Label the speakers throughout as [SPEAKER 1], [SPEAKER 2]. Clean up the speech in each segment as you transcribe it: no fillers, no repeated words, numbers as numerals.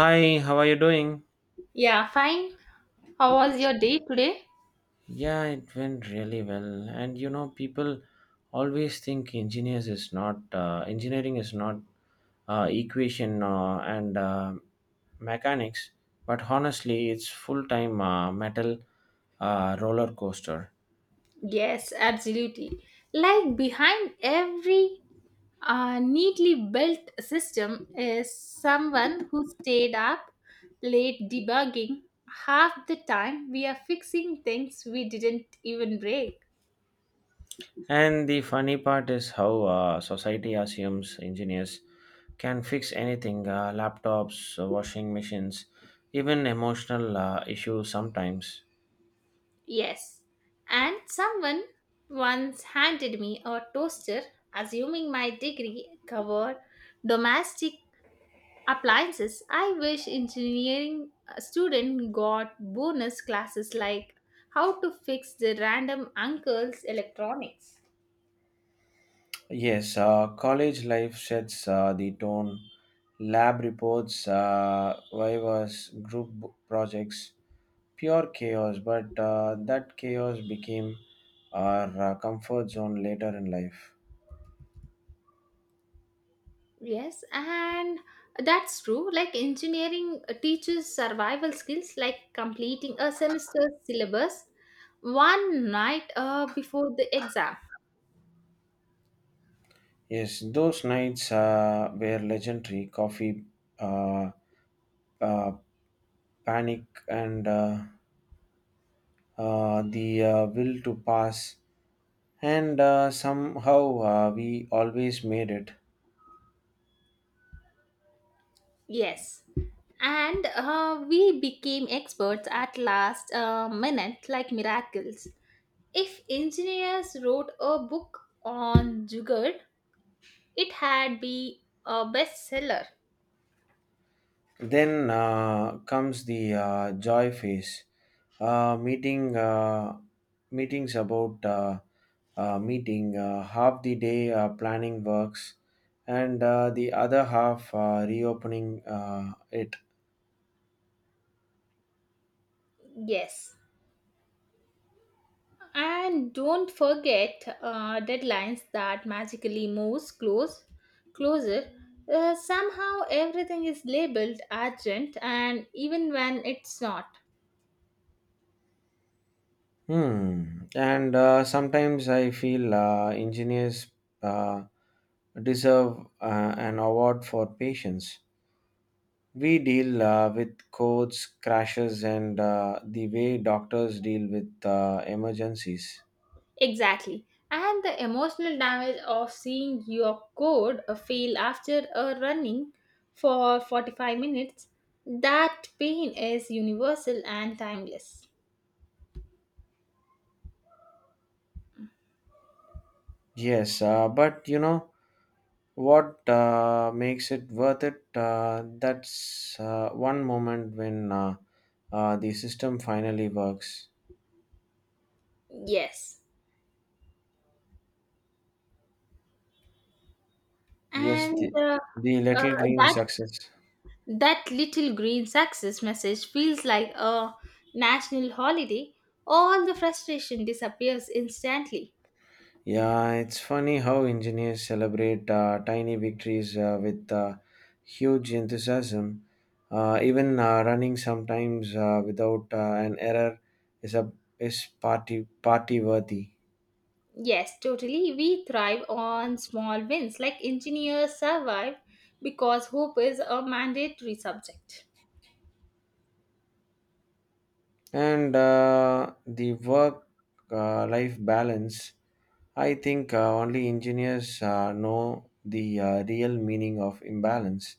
[SPEAKER 1] Hi, how are you doing?
[SPEAKER 2] Yeah, fine. How was your day today?
[SPEAKER 1] Yeah, it went really well. And you know, people always think engineers is not engineering is not equation and mechanics, but honestly, it's full time metal roller coaster.
[SPEAKER 2] Yes, absolutely. Like behind every neatly built system is someone who stayed up late debugging half the time we are fixing things we didn't even break.
[SPEAKER 1] And the funny part is how society assumes engineers can fix anything, laptops, washing machines, even emotional issues sometimes.
[SPEAKER 2] Yes, and someone once handed me a toaster assuming my degree covered domestic appliances. I wish engineering student got bonus classes like how to fix the random uncle's electronics.
[SPEAKER 1] Yes, college life sets the tone. Lab reports, vivas, group projects, pure chaos, but that chaos became our comfort zone later in life.
[SPEAKER 2] Yes, and that's true. Like engineering teaches survival skills like completing a semester syllabus one night before the exam.
[SPEAKER 1] Yes, those nights were legendary. Coffee, uh, uh, panic, and the will to pass. And somehow we always made it.
[SPEAKER 2] Yes, and we became experts at last minute like miracles. If engineers wrote a book on Jugaad, it had be a bestseller.
[SPEAKER 1] Then comes the joy phase, uh, meeting uh, meetings about meeting half the day planning works, and the other half reopening it.
[SPEAKER 2] Yes. And don't forget deadlines that magically moves close, closer. Somehow everything is labeled urgent, and even when it's not.
[SPEAKER 1] Hmm. And sometimes I feel engineers uh, deserve an award for patience. We deal with codes, crashes, and the way doctors deal with emergencies.
[SPEAKER 2] Exactly. And the emotional damage of seeing your code fail after a running for 45 minutes, that pain is universal and timeless.
[SPEAKER 1] Yes, but you know what makes it worth it? That's one moment when the system finally works.
[SPEAKER 2] Yes.
[SPEAKER 1] Yes,
[SPEAKER 2] And
[SPEAKER 1] the
[SPEAKER 2] uh,
[SPEAKER 1] little green
[SPEAKER 2] that
[SPEAKER 1] success.
[SPEAKER 2] that little green success message feels like a national holiday. All the frustration disappears instantly.
[SPEAKER 1] Yeah, it's funny how engineers celebrate tiny victories with huge enthusiasm. Even running sometimes without an error is a is party worthy.
[SPEAKER 2] Yes, totally. We thrive on small wins, like engineers survive because hope is a mandatory subject.
[SPEAKER 1] And the work life balance, I think only engineers know the real meaning of imbalance.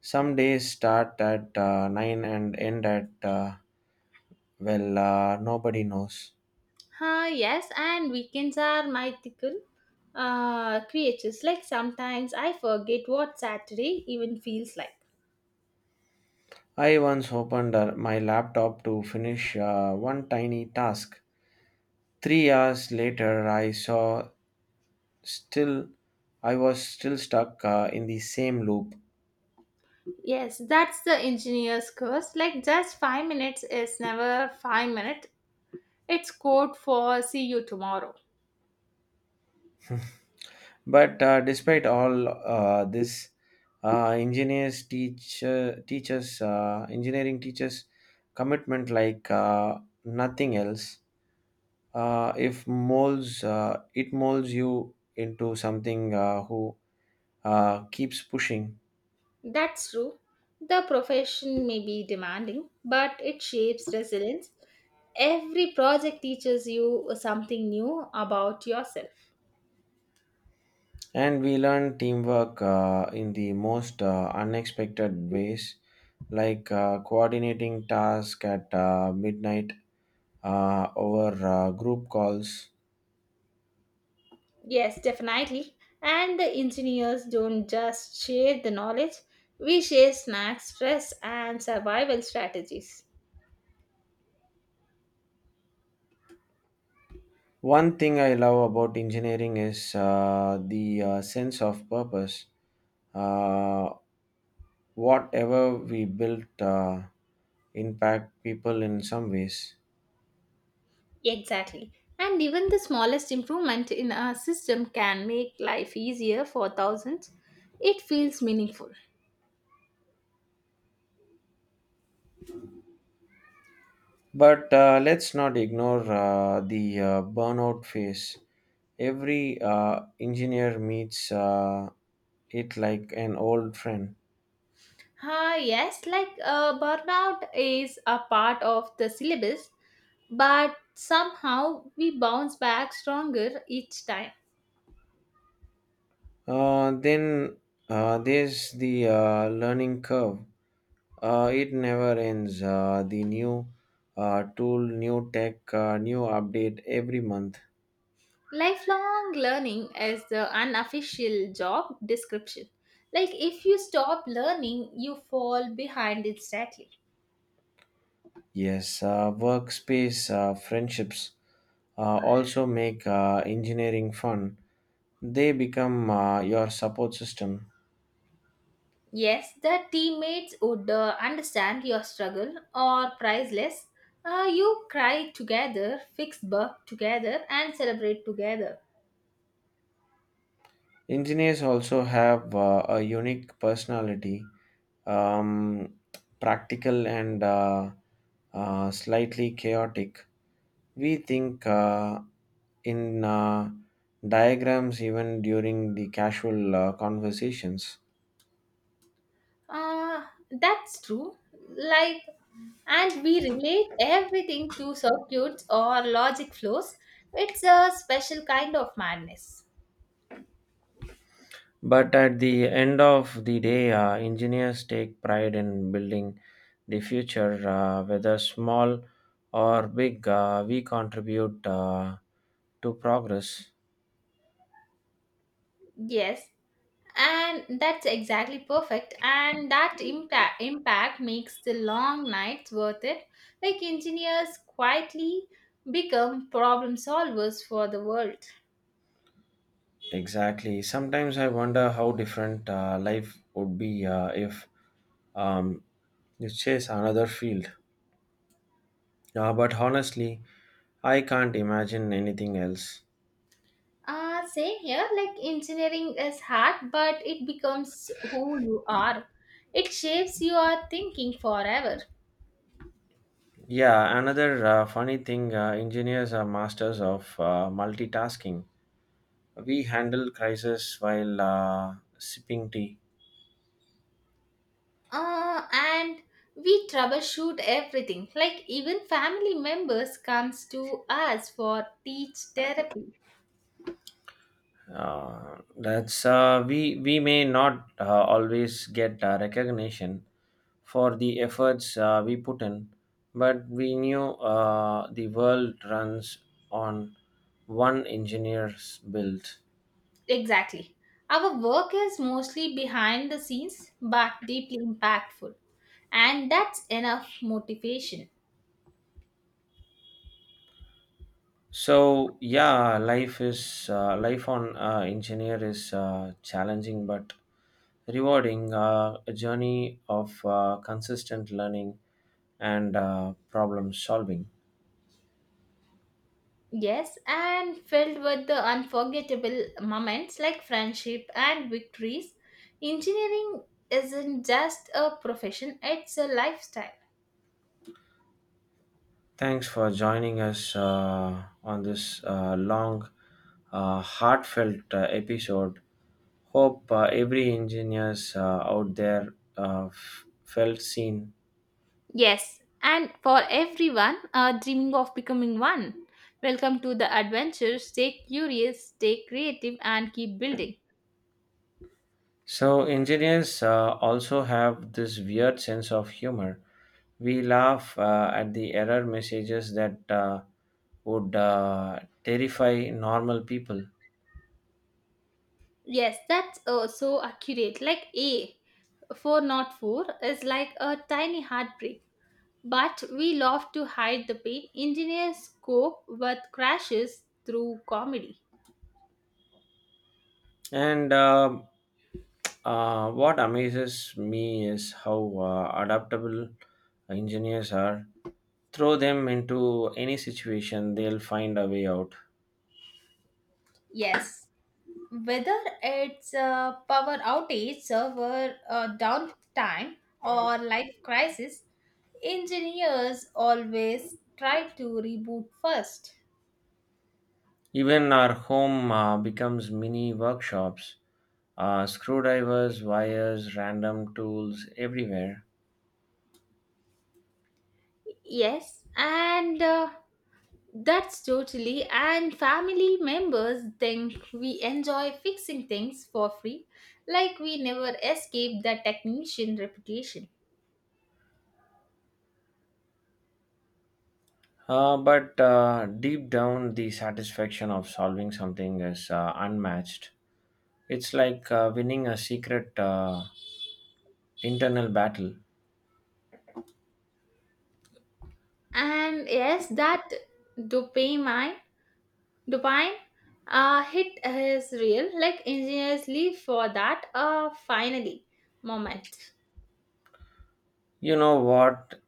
[SPEAKER 1] Some days start at nine and end at, well, nobody knows.
[SPEAKER 2] Ah, yes, and weekends are mythical creatures. Like sometimes I forget what Saturday even feels like.
[SPEAKER 1] I once opened my laptop to finish one tiny task. 3 hours later, still I was still stuck in the same loop.
[SPEAKER 2] Yes, that's the engineer's curse. Like just 5 minutes is never 5 minutes. It's code for see you tomorrow.
[SPEAKER 1] But despite all this, engineers teach teachers engineering teachers commitment like nothing else. If molds it molds you into something who keeps pushing.
[SPEAKER 2] That's true. The profession may be demanding, but it shapes resilience. Every project teaches you something new about yourself.
[SPEAKER 1] And we learn teamwork in the most unexpected ways, like coordinating tasks at midnight over group calls.
[SPEAKER 2] Yes, definitely. And the engineers don't just share the knowledge, we share snacks, stress, and survival strategies.
[SPEAKER 1] One thing I love about engineering is the sense of purpose. Uh, Whatever we build, impact people in some ways.
[SPEAKER 2] Exactly. And even the smallest improvement in a system can make life easier for thousands. It feels meaningful.
[SPEAKER 1] But let's not ignore the burnout phase. Every engineer meets it like an old friend.
[SPEAKER 2] Yes, like burnout is a part of the syllabus, but somehow we bounce back stronger each time.
[SPEAKER 1] Then there's the learning curve. It never ends. The new tool, new tech, new update every month.
[SPEAKER 2] Lifelong learning is the unofficial job description. Like, if you stop learning, you fall behind instantly.
[SPEAKER 1] Yes, workspace friendships also make engineering fun. They become your support system.
[SPEAKER 2] Yes, the teammates would understand your struggle or priceless. You cry together, fix bug together, and celebrate together.
[SPEAKER 1] Engineers also have a unique personality, um, practical and slightly chaotic. We think in diagrams even during the casual conversations.
[SPEAKER 2] Uh, that's true. Like, and we relate everything to circuits or logic flows. It's a special kind of madness.
[SPEAKER 1] But at the end of the day, engineers take pride in building the future, whether small or big, we contribute to progress.
[SPEAKER 2] Yes, and that's exactly perfect. And that impact makes the long nights worth it. Like engineers quietly become problem solvers for the world.
[SPEAKER 1] Exactly. Sometimes I wonder how different life would be if, um, you chase another field. But honestly, I can't imagine anything else.
[SPEAKER 2] Same here, like engineering is hard, but it becomes who you are. It shapes your thinking forever.
[SPEAKER 1] Yeah, another funny thing, engineers are masters of multitasking. We handle crisis while sipping tea.
[SPEAKER 2] And we troubleshoot everything. Like even family members comes to us for teach therapy.
[SPEAKER 1] That's we may not always get recognition for the efforts we put in, but we knew the world runs on one engineer's build.
[SPEAKER 2] Exactly. Our work is mostly behind the scenes, but deeply impactful. And that's enough motivation.
[SPEAKER 1] So yeah, life on engineer is challenging but rewarding. A journey of consistent learning and problem solving.
[SPEAKER 2] Yes, and filled with the unforgettable moments like friendship and victories. Engineering isn't just a profession, it's a lifestyle.
[SPEAKER 1] Thanks for joining us on this long, heartfelt episode. Hope every engineers out there felt seen.
[SPEAKER 2] Yes, and for everyone dreaming of becoming one. Welcome to the adventure. Stay curious, stay creative, and keep building.
[SPEAKER 1] So engineers also have this weird sense of humor. We laugh at the error messages that would terrify normal people.
[SPEAKER 2] Yes, that's so accurate. Like A, 4 not 4 is like a tiny heartbreak. But we love to hide the pain. Engineers cope with crashes through comedy.
[SPEAKER 1] And what amazes me is how adaptable engineers are. Throw them into any situation, they'll find a way out.
[SPEAKER 2] Yes, whether it's a power outage, server downtime, or life crisis, engineers always try to reboot first.
[SPEAKER 1] Even our home becomes mini workshops. Screwdrivers, wires, random tools everywhere.
[SPEAKER 2] Yes, and that's totally. And family members think we enjoy fixing things for free, like we never escape the technician reputation.
[SPEAKER 1] But deep down, the satisfaction of solving something is unmatched. It's like winning a secret internal battle.
[SPEAKER 2] And yes, that dopamine, dopamine hit is real. Like engineers live for that finally moment.
[SPEAKER 1] You know what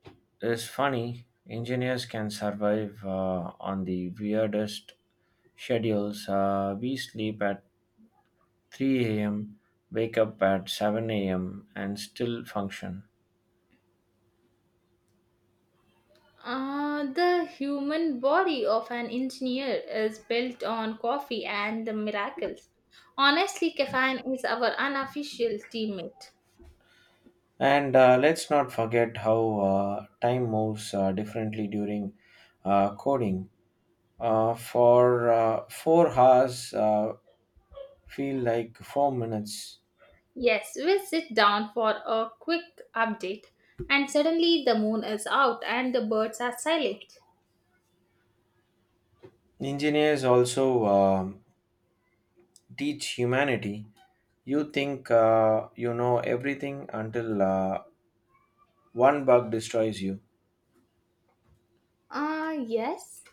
[SPEAKER 1] is funny? Engineers can survive on the weirdest schedules. We sleep at 3 a.m., wake up at 7 a.m., and still function.
[SPEAKER 2] The human body of an engineer is built on coffee and the miracles. Honestly, caffeine is our unofficial teammate.
[SPEAKER 1] And let's not forget how time moves differently during coding. For 4 hours feel like 4 minutes.
[SPEAKER 2] Yes, we sit down for a quick update, and suddenly the moon is out and the birds are silent.
[SPEAKER 1] Engineers also teach humanity. You think you know everything until one bug destroys you.
[SPEAKER 2] Ah, yes.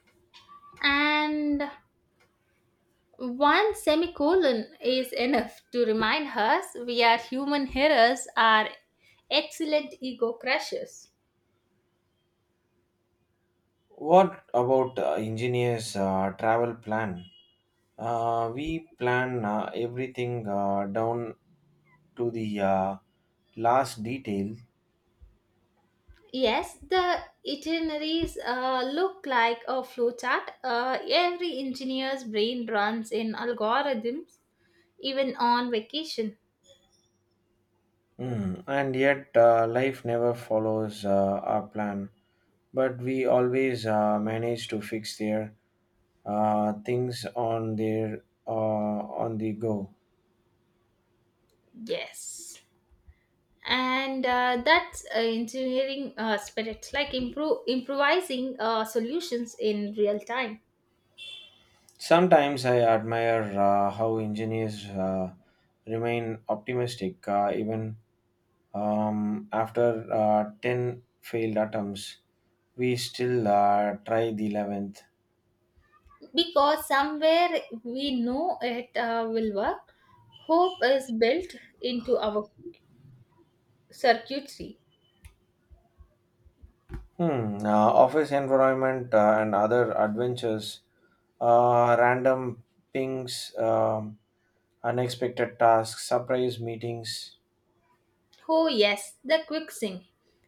[SPEAKER 2] And one semicolon is enough to remind us we are human heroes, are excellent ego crushers.
[SPEAKER 1] What about engineers' travel plan? We plan everything down to the last detail.
[SPEAKER 2] Yes, the itineraries look like a flowchart. Every engineer's brain runs in algorithms, even on vacation.
[SPEAKER 1] And yet life never follows our plan. But we always manage to fix their things on their on the go.
[SPEAKER 2] Yes, and that's engineering spirit, like improve improvising solutions in real time.
[SPEAKER 1] Sometimes I admire how engineers remain optimistic even, after 10 failed attempts. We still try the 11th.
[SPEAKER 2] Because somewhere we know it will work. Hope is built into our circuitry.
[SPEAKER 1] Hmm. Office environment and other adventures, random pings, unexpected tasks, surprise meetings.
[SPEAKER 2] Oh, yes, the quick sync.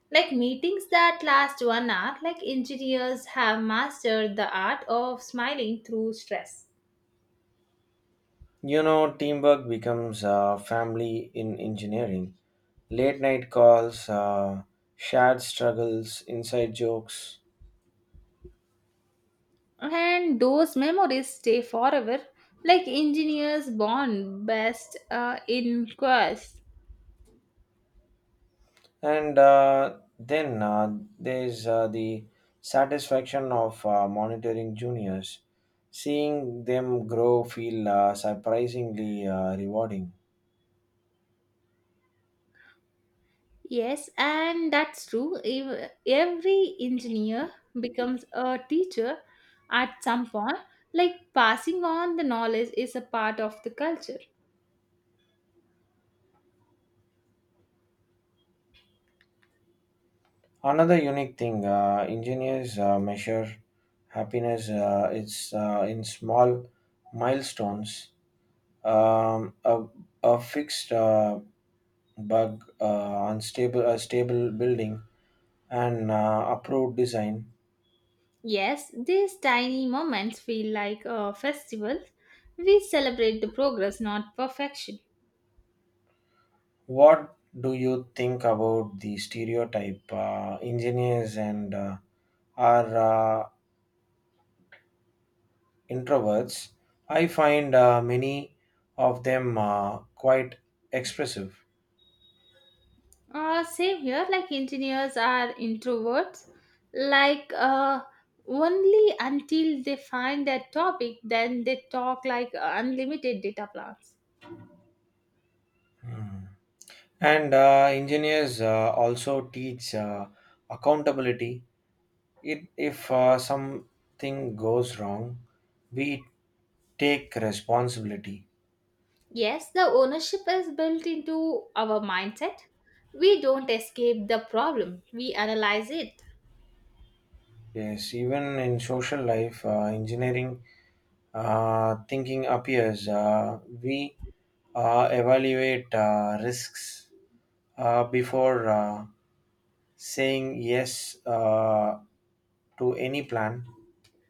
[SPEAKER 2] Like meetings that last 1 hour, like engineers have mastered the art of smiling through stress.
[SPEAKER 1] You know, teamwork becomes a family in engineering. Late night calls, shared struggles, inside jokes,
[SPEAKER 2] And those memories stay forever, like engineers born best in quest.
[SPEAKER 1] and then there's the satisfaction of monitoring juniors. Seeing them grow feel surprisingly rewarding.
[SPEAKER 2] Yes, and that's true. Every engineer becomes a teacher at some point, like passing on the knowledge is a part of the culture.
[SPEAKER 1] Another unique thing, engineers measure happiness. It's in small milestones, um, a, a fixed bug, a stable building, and approved design.
[SPEAKER 2] Yes, these tiny moments feel like a festival. We celebrate the progress, not perfection.
[SPEAKER 1] What do you think about the stereotype? Engineers and are introverts. I find many of them quite expressive.
[SPEAKER 2] Same here, like engineers are introverts, like only until they find that topic, then they talk like unlimited data plans.
[SPEAKER 1] Hmm. And engineers also teach accountability. It If something goes wrong, we take responsibility.
[SPEAKER 2] Yes, the ownership is built into our mindset. We don't escape the problem, we analyze it.
[SPEAKER 1] Yes, even in social life, engineering thinking appears. We evaluate risks before saying yes to any plan,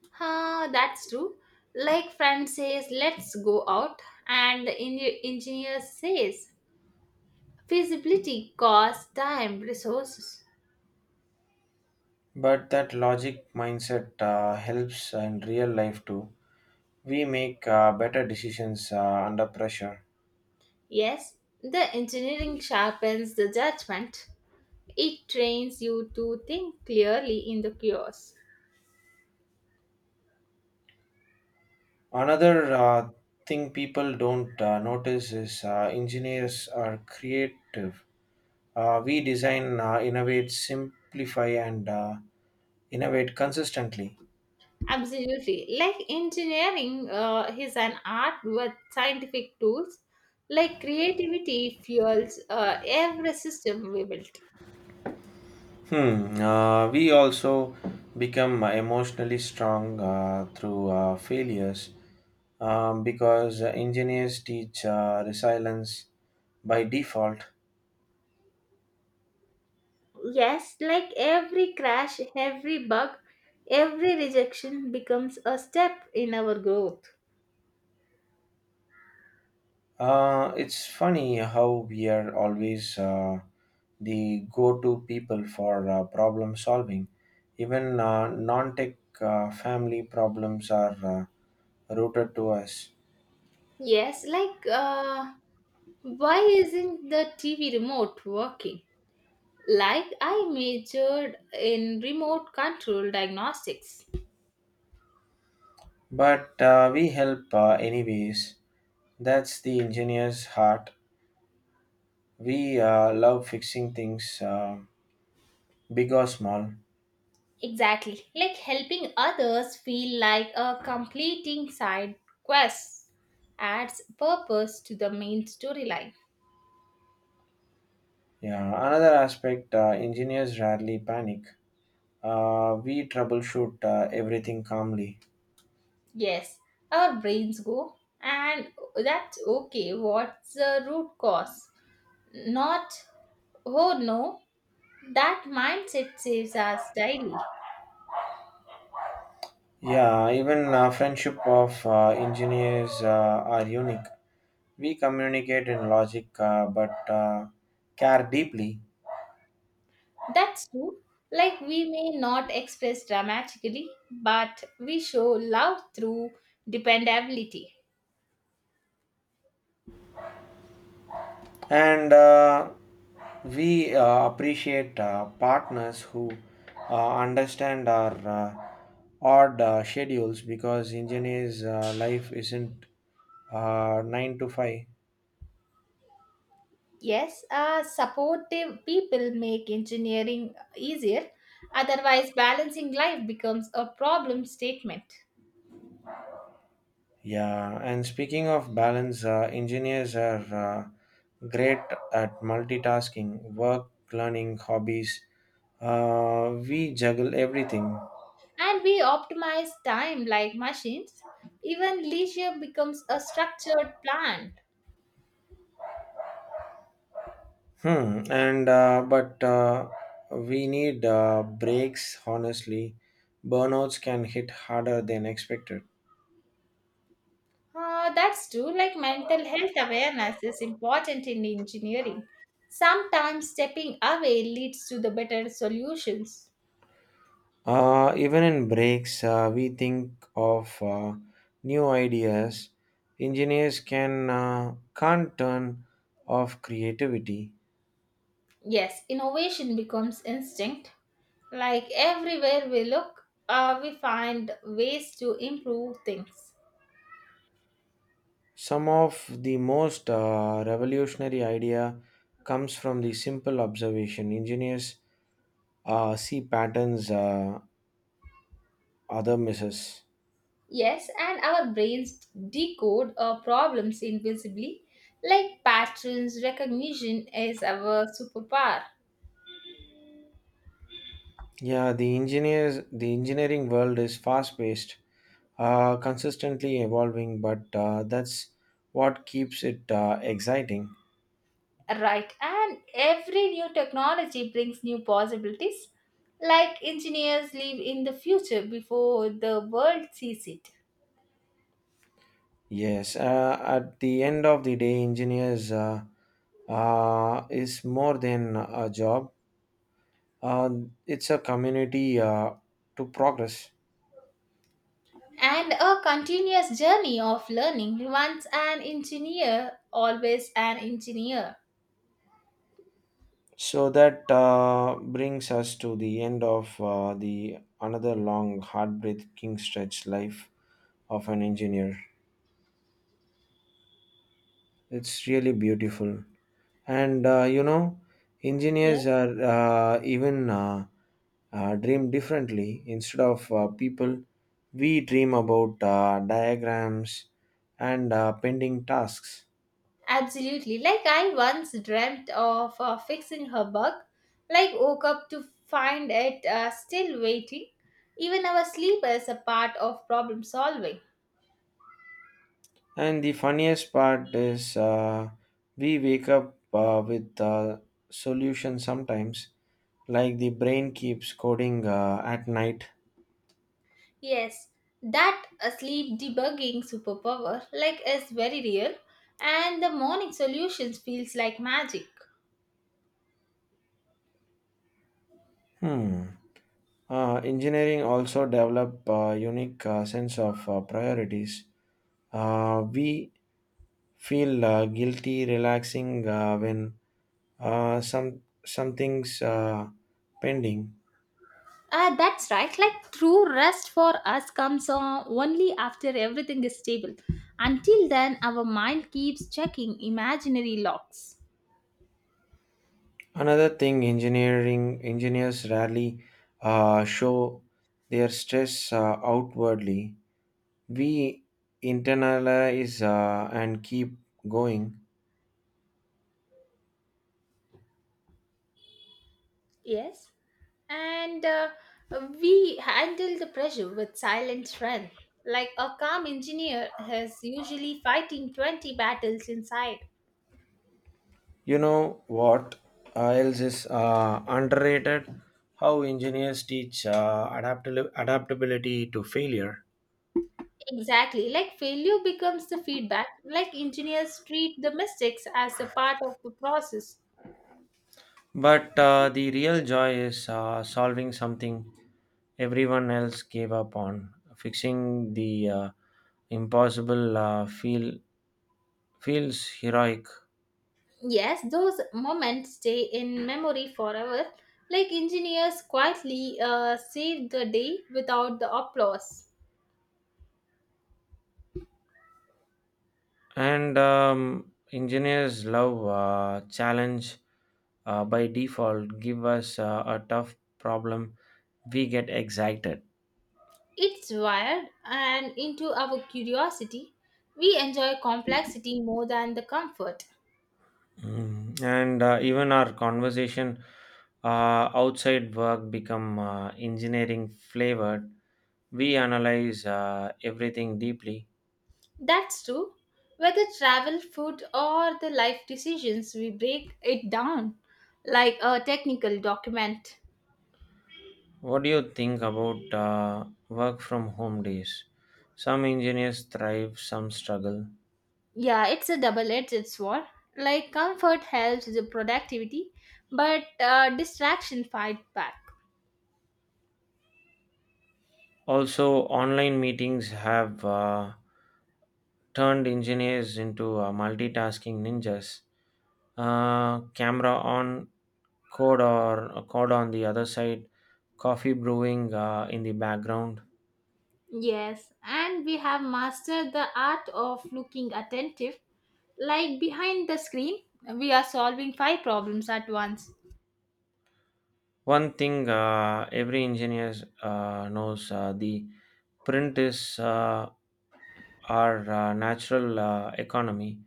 [SPEAKER 2] Huh, that's true. Like friend says, let's go out, and the engineer says, feasibility, cost, time, resources.
[SPEAKER 1] but that logic mindset helps in real life too. We make better decisions under pressure.
[SPEAKER 2] Yes, the engineering sharpens the judgment. It trains you to think clearly in the chaos.
[SPEAKER 1] Another thing people don't notice is engineers are creative. We design, innovate, simplify, and innovate consistently.
[SPEAKER 2] Absolutely. Like engineering is an art with scientific tools. Like creativity fuels every system we build.
[SPEAKER 1] Hmm. We also become emotionally strong through failures, because engineers teach resilience by default.
[SPEAKER 2] Yes, like every crash, every bug, every rejection becomes a step in our growth.
[SPEAKER 1] It's funny how we are always the go-to people for problem solving. Even non-tech family problems are routed to us,
[SPEAKER 2] Yes, like why isn't the TV remote working? Like I majored in remote control diagnostics.
[SPEAKER 1] but we help anyways. That's the engineer's heart. We love fixing things, big or small.
[SPEAKER 2] Exactly, like helping others feel like a completing side quest adds purpose to the main storyline.
[SPEAKER 1] Yeah. Another aspect: engineers rarely panic. We troubleshoot everything calmly.
[SPEAKER 2] Yes, our brains go, and that's okay. What's the root cause? Not, oh no, that mindset saves us daily.
[SPEAKER 1] Yeah, even friendship of engineers are unique. We communicate in logic, but care deeply,
[SPEAKER 2] That's true. Like we may not express dramatically, but we show love through dependability.
[SPEAKER 1] and we appreciate partners who understand our odd schedules, because engineers' life isn't 9 to 5.
[SPEAKER 2] Yes, supportive people make engineering easier. Otherwise, balancing life becomes a problem statement.
[SPEAKER 1] Yeah, and speaking of balance, engineers are great at multitasking, work, learning, hobbies. We juggle everything.
[SPEAKER 2] And we optimize time like machines. Even leisure becomes a structured plan.
[SPEAKER 1] Hmm. And but we need breaks. Honestly, burnouts can hit harder than expected.
[SPEAKER 2] That's true, like mental health awareness is important in engineering. Sometimes stepping away leads to the better solutions.
[SPEAKER 1] Even in breaks, we think of new ideas. Engineers can't turn off creativity.
[SPEAKER 2] Yes, innovation becomes instinct. Like everywhere we look, we find ways to improve things.
[SPEAKER 1] Some of the most revolutionary idea comes from the simple observation. Engineers see patterns other misses.
[SPEAKER 2] Yes, and our brains decode our problems invisibly, like patterns recognition is our superpower.
[SPEAKER 1] Yeah, the engineering world is fast paced, consistently evolving, but that's what keeps it exciting.
[SPEAKER 2] Right, and every new technology brings new possibilities, like engineers live in the future before the world sees it.
[SPEAKER 1] Yes, at the end of the day, engineers is more than a job. Uh, it's a community to progress.
[SPEAKER 2] And a continuous journey of learning, once an engineer, always an engineer.
[SPEAKER 1] So that brings us to the end of the another long, heartbreaking stretch life of an engineer. It's really beautiful, and you know, engineers are even dream differently. Instead of people, we dream about diagrams and pending tasks.
[SPEAKER 2] Absolutely. Like I once dreamt of fixing her bug. Like woke up to find it still waiting. Even our sleep is a part of problem solving.
[SPEAKER 1] And the funniest part is we wake up with a solution sometimes, like the brain keeps coding at night.
[SPEAKER 2] Yes, that sleep debugging superpower like is very real, and the morning solutions feels like magic.
[SPEAKER 1] Hmm. Engineering also develop a unique sense of priorities. We feel guilty relaxing when something's pending.
[SPEAKER 2] That's right. Like true rest for us comes on only after everything is stable. Until then, our mind keeps checking imaginary locks.
[SPEAKER 1] Another thing, engineering engineers rarely show their stress outwardly. We internalize and keep going.
[SPEAKER 2] Yes. And we handle the pressure with silent strength. Like a calm engineer is usually fighting 20 battles inside.
[SPEAKER 1] You know what else is underrated? How engineers teach adaptability to failure.
[SPEAKER 2] Exactly. Like failure becomes the feedback. Like engineers treat the mistakes as a part of the process.
[SPEAKER 1] But the real joy is solving something everyone else gave up on, fixing the impossible feels heroic.
[SPEAKER 2] Yes, those moments stay in memory forever. Like engineers quietly save the day without the applause.
[SPEAKER 1] And engineers love challenge by default. Give us a tough problem, we get excited.
[SPEAKER 2] It's wired and into our curiosity. We enjoy complexity more than the comfort.
[SPEAKER 1] And even our conversation outside work become engineering flavored. We analyze everything deeply.
[SPEAKER 2] That's true. Whether travel, food, or the life decisions, we break it down like a technical document.
[SPEAKER 1] What do you think about work from home days? Some engineers thrive, some struggle.
[SPEAKER 2] Yeah, it's a double edged sword. Like comfort helps the productivity, but distraction fight back.
[SPEAKER 1] Also, online meetings have turned engineers into multitasking ninjas. Camera on, code on the other side, coffee brewing in the background.
[SPEAKER 2] Yes, and we have mastered the art of looking attentive. Like behind the screen, we are solving 5 problems at once.
[SPEAKER 1] One thing every engineer knows: the print is our natural economy.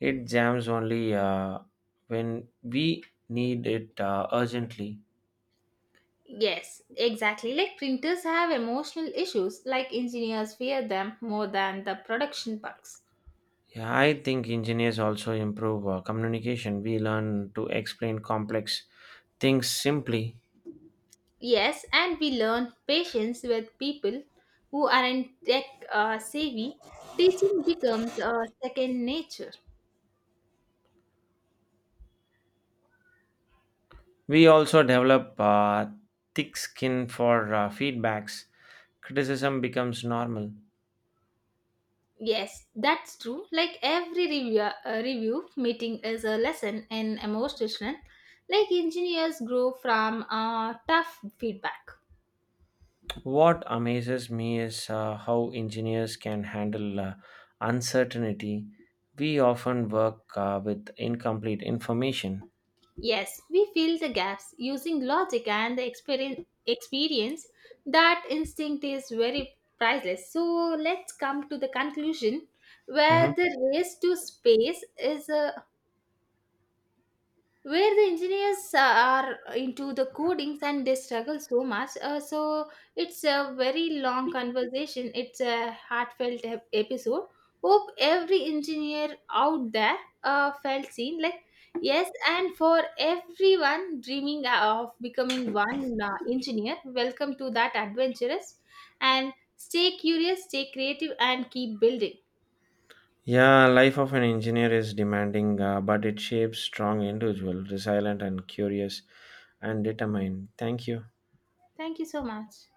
[SPEAKER 1] It jams only when we need it urgently.
[SPEAKER 2] Yes, exactly. Like printers have emotional issues, like engineers fear them more than the production bugs.
[SPEAKER 1] Yeah, I think engineers also improve communication. We learn to explain complex things simply.
[SPEAKER 2] Yes, and we learn patience with people who aren't tech savvy. Teaching becomes a second nature.
[SPEAKER 1] We also develop thick skin for feedbacks. Criticism becomes normal.
[SPEAKER 2] Yes, that's true. Like every review, review meeting is a lesson in emotional strength. Like engineers grow from tough feedback.
[SPEAKER 1] What amazes me is how engineers can handle uncertainty. We often work with incomplete information.
[SPEAKER 2] Yes, we fill the gaps using logic and the experience. Experience that instinct is very priceless. So let's come to the conclusion
[SPEAKER 1] Mhm.
[SPEAKER 2] where the race to space is a, where the engineers are into the codings and they struggle so much, so it's a very long conversation. It's a heartfelt episode. Hope every engineer out there felt seen like. Yes, and for everyone dreaming of becoming one, engineer, welcome to that adventurous. And stay curious, stay creative, and keep building.
[SPEAKER 1] Yeah, life of an engineer is demanding, but it shapes strong individual, resilient and curious and determined. Thank you.
[SPEAKER 2] Thank you so much.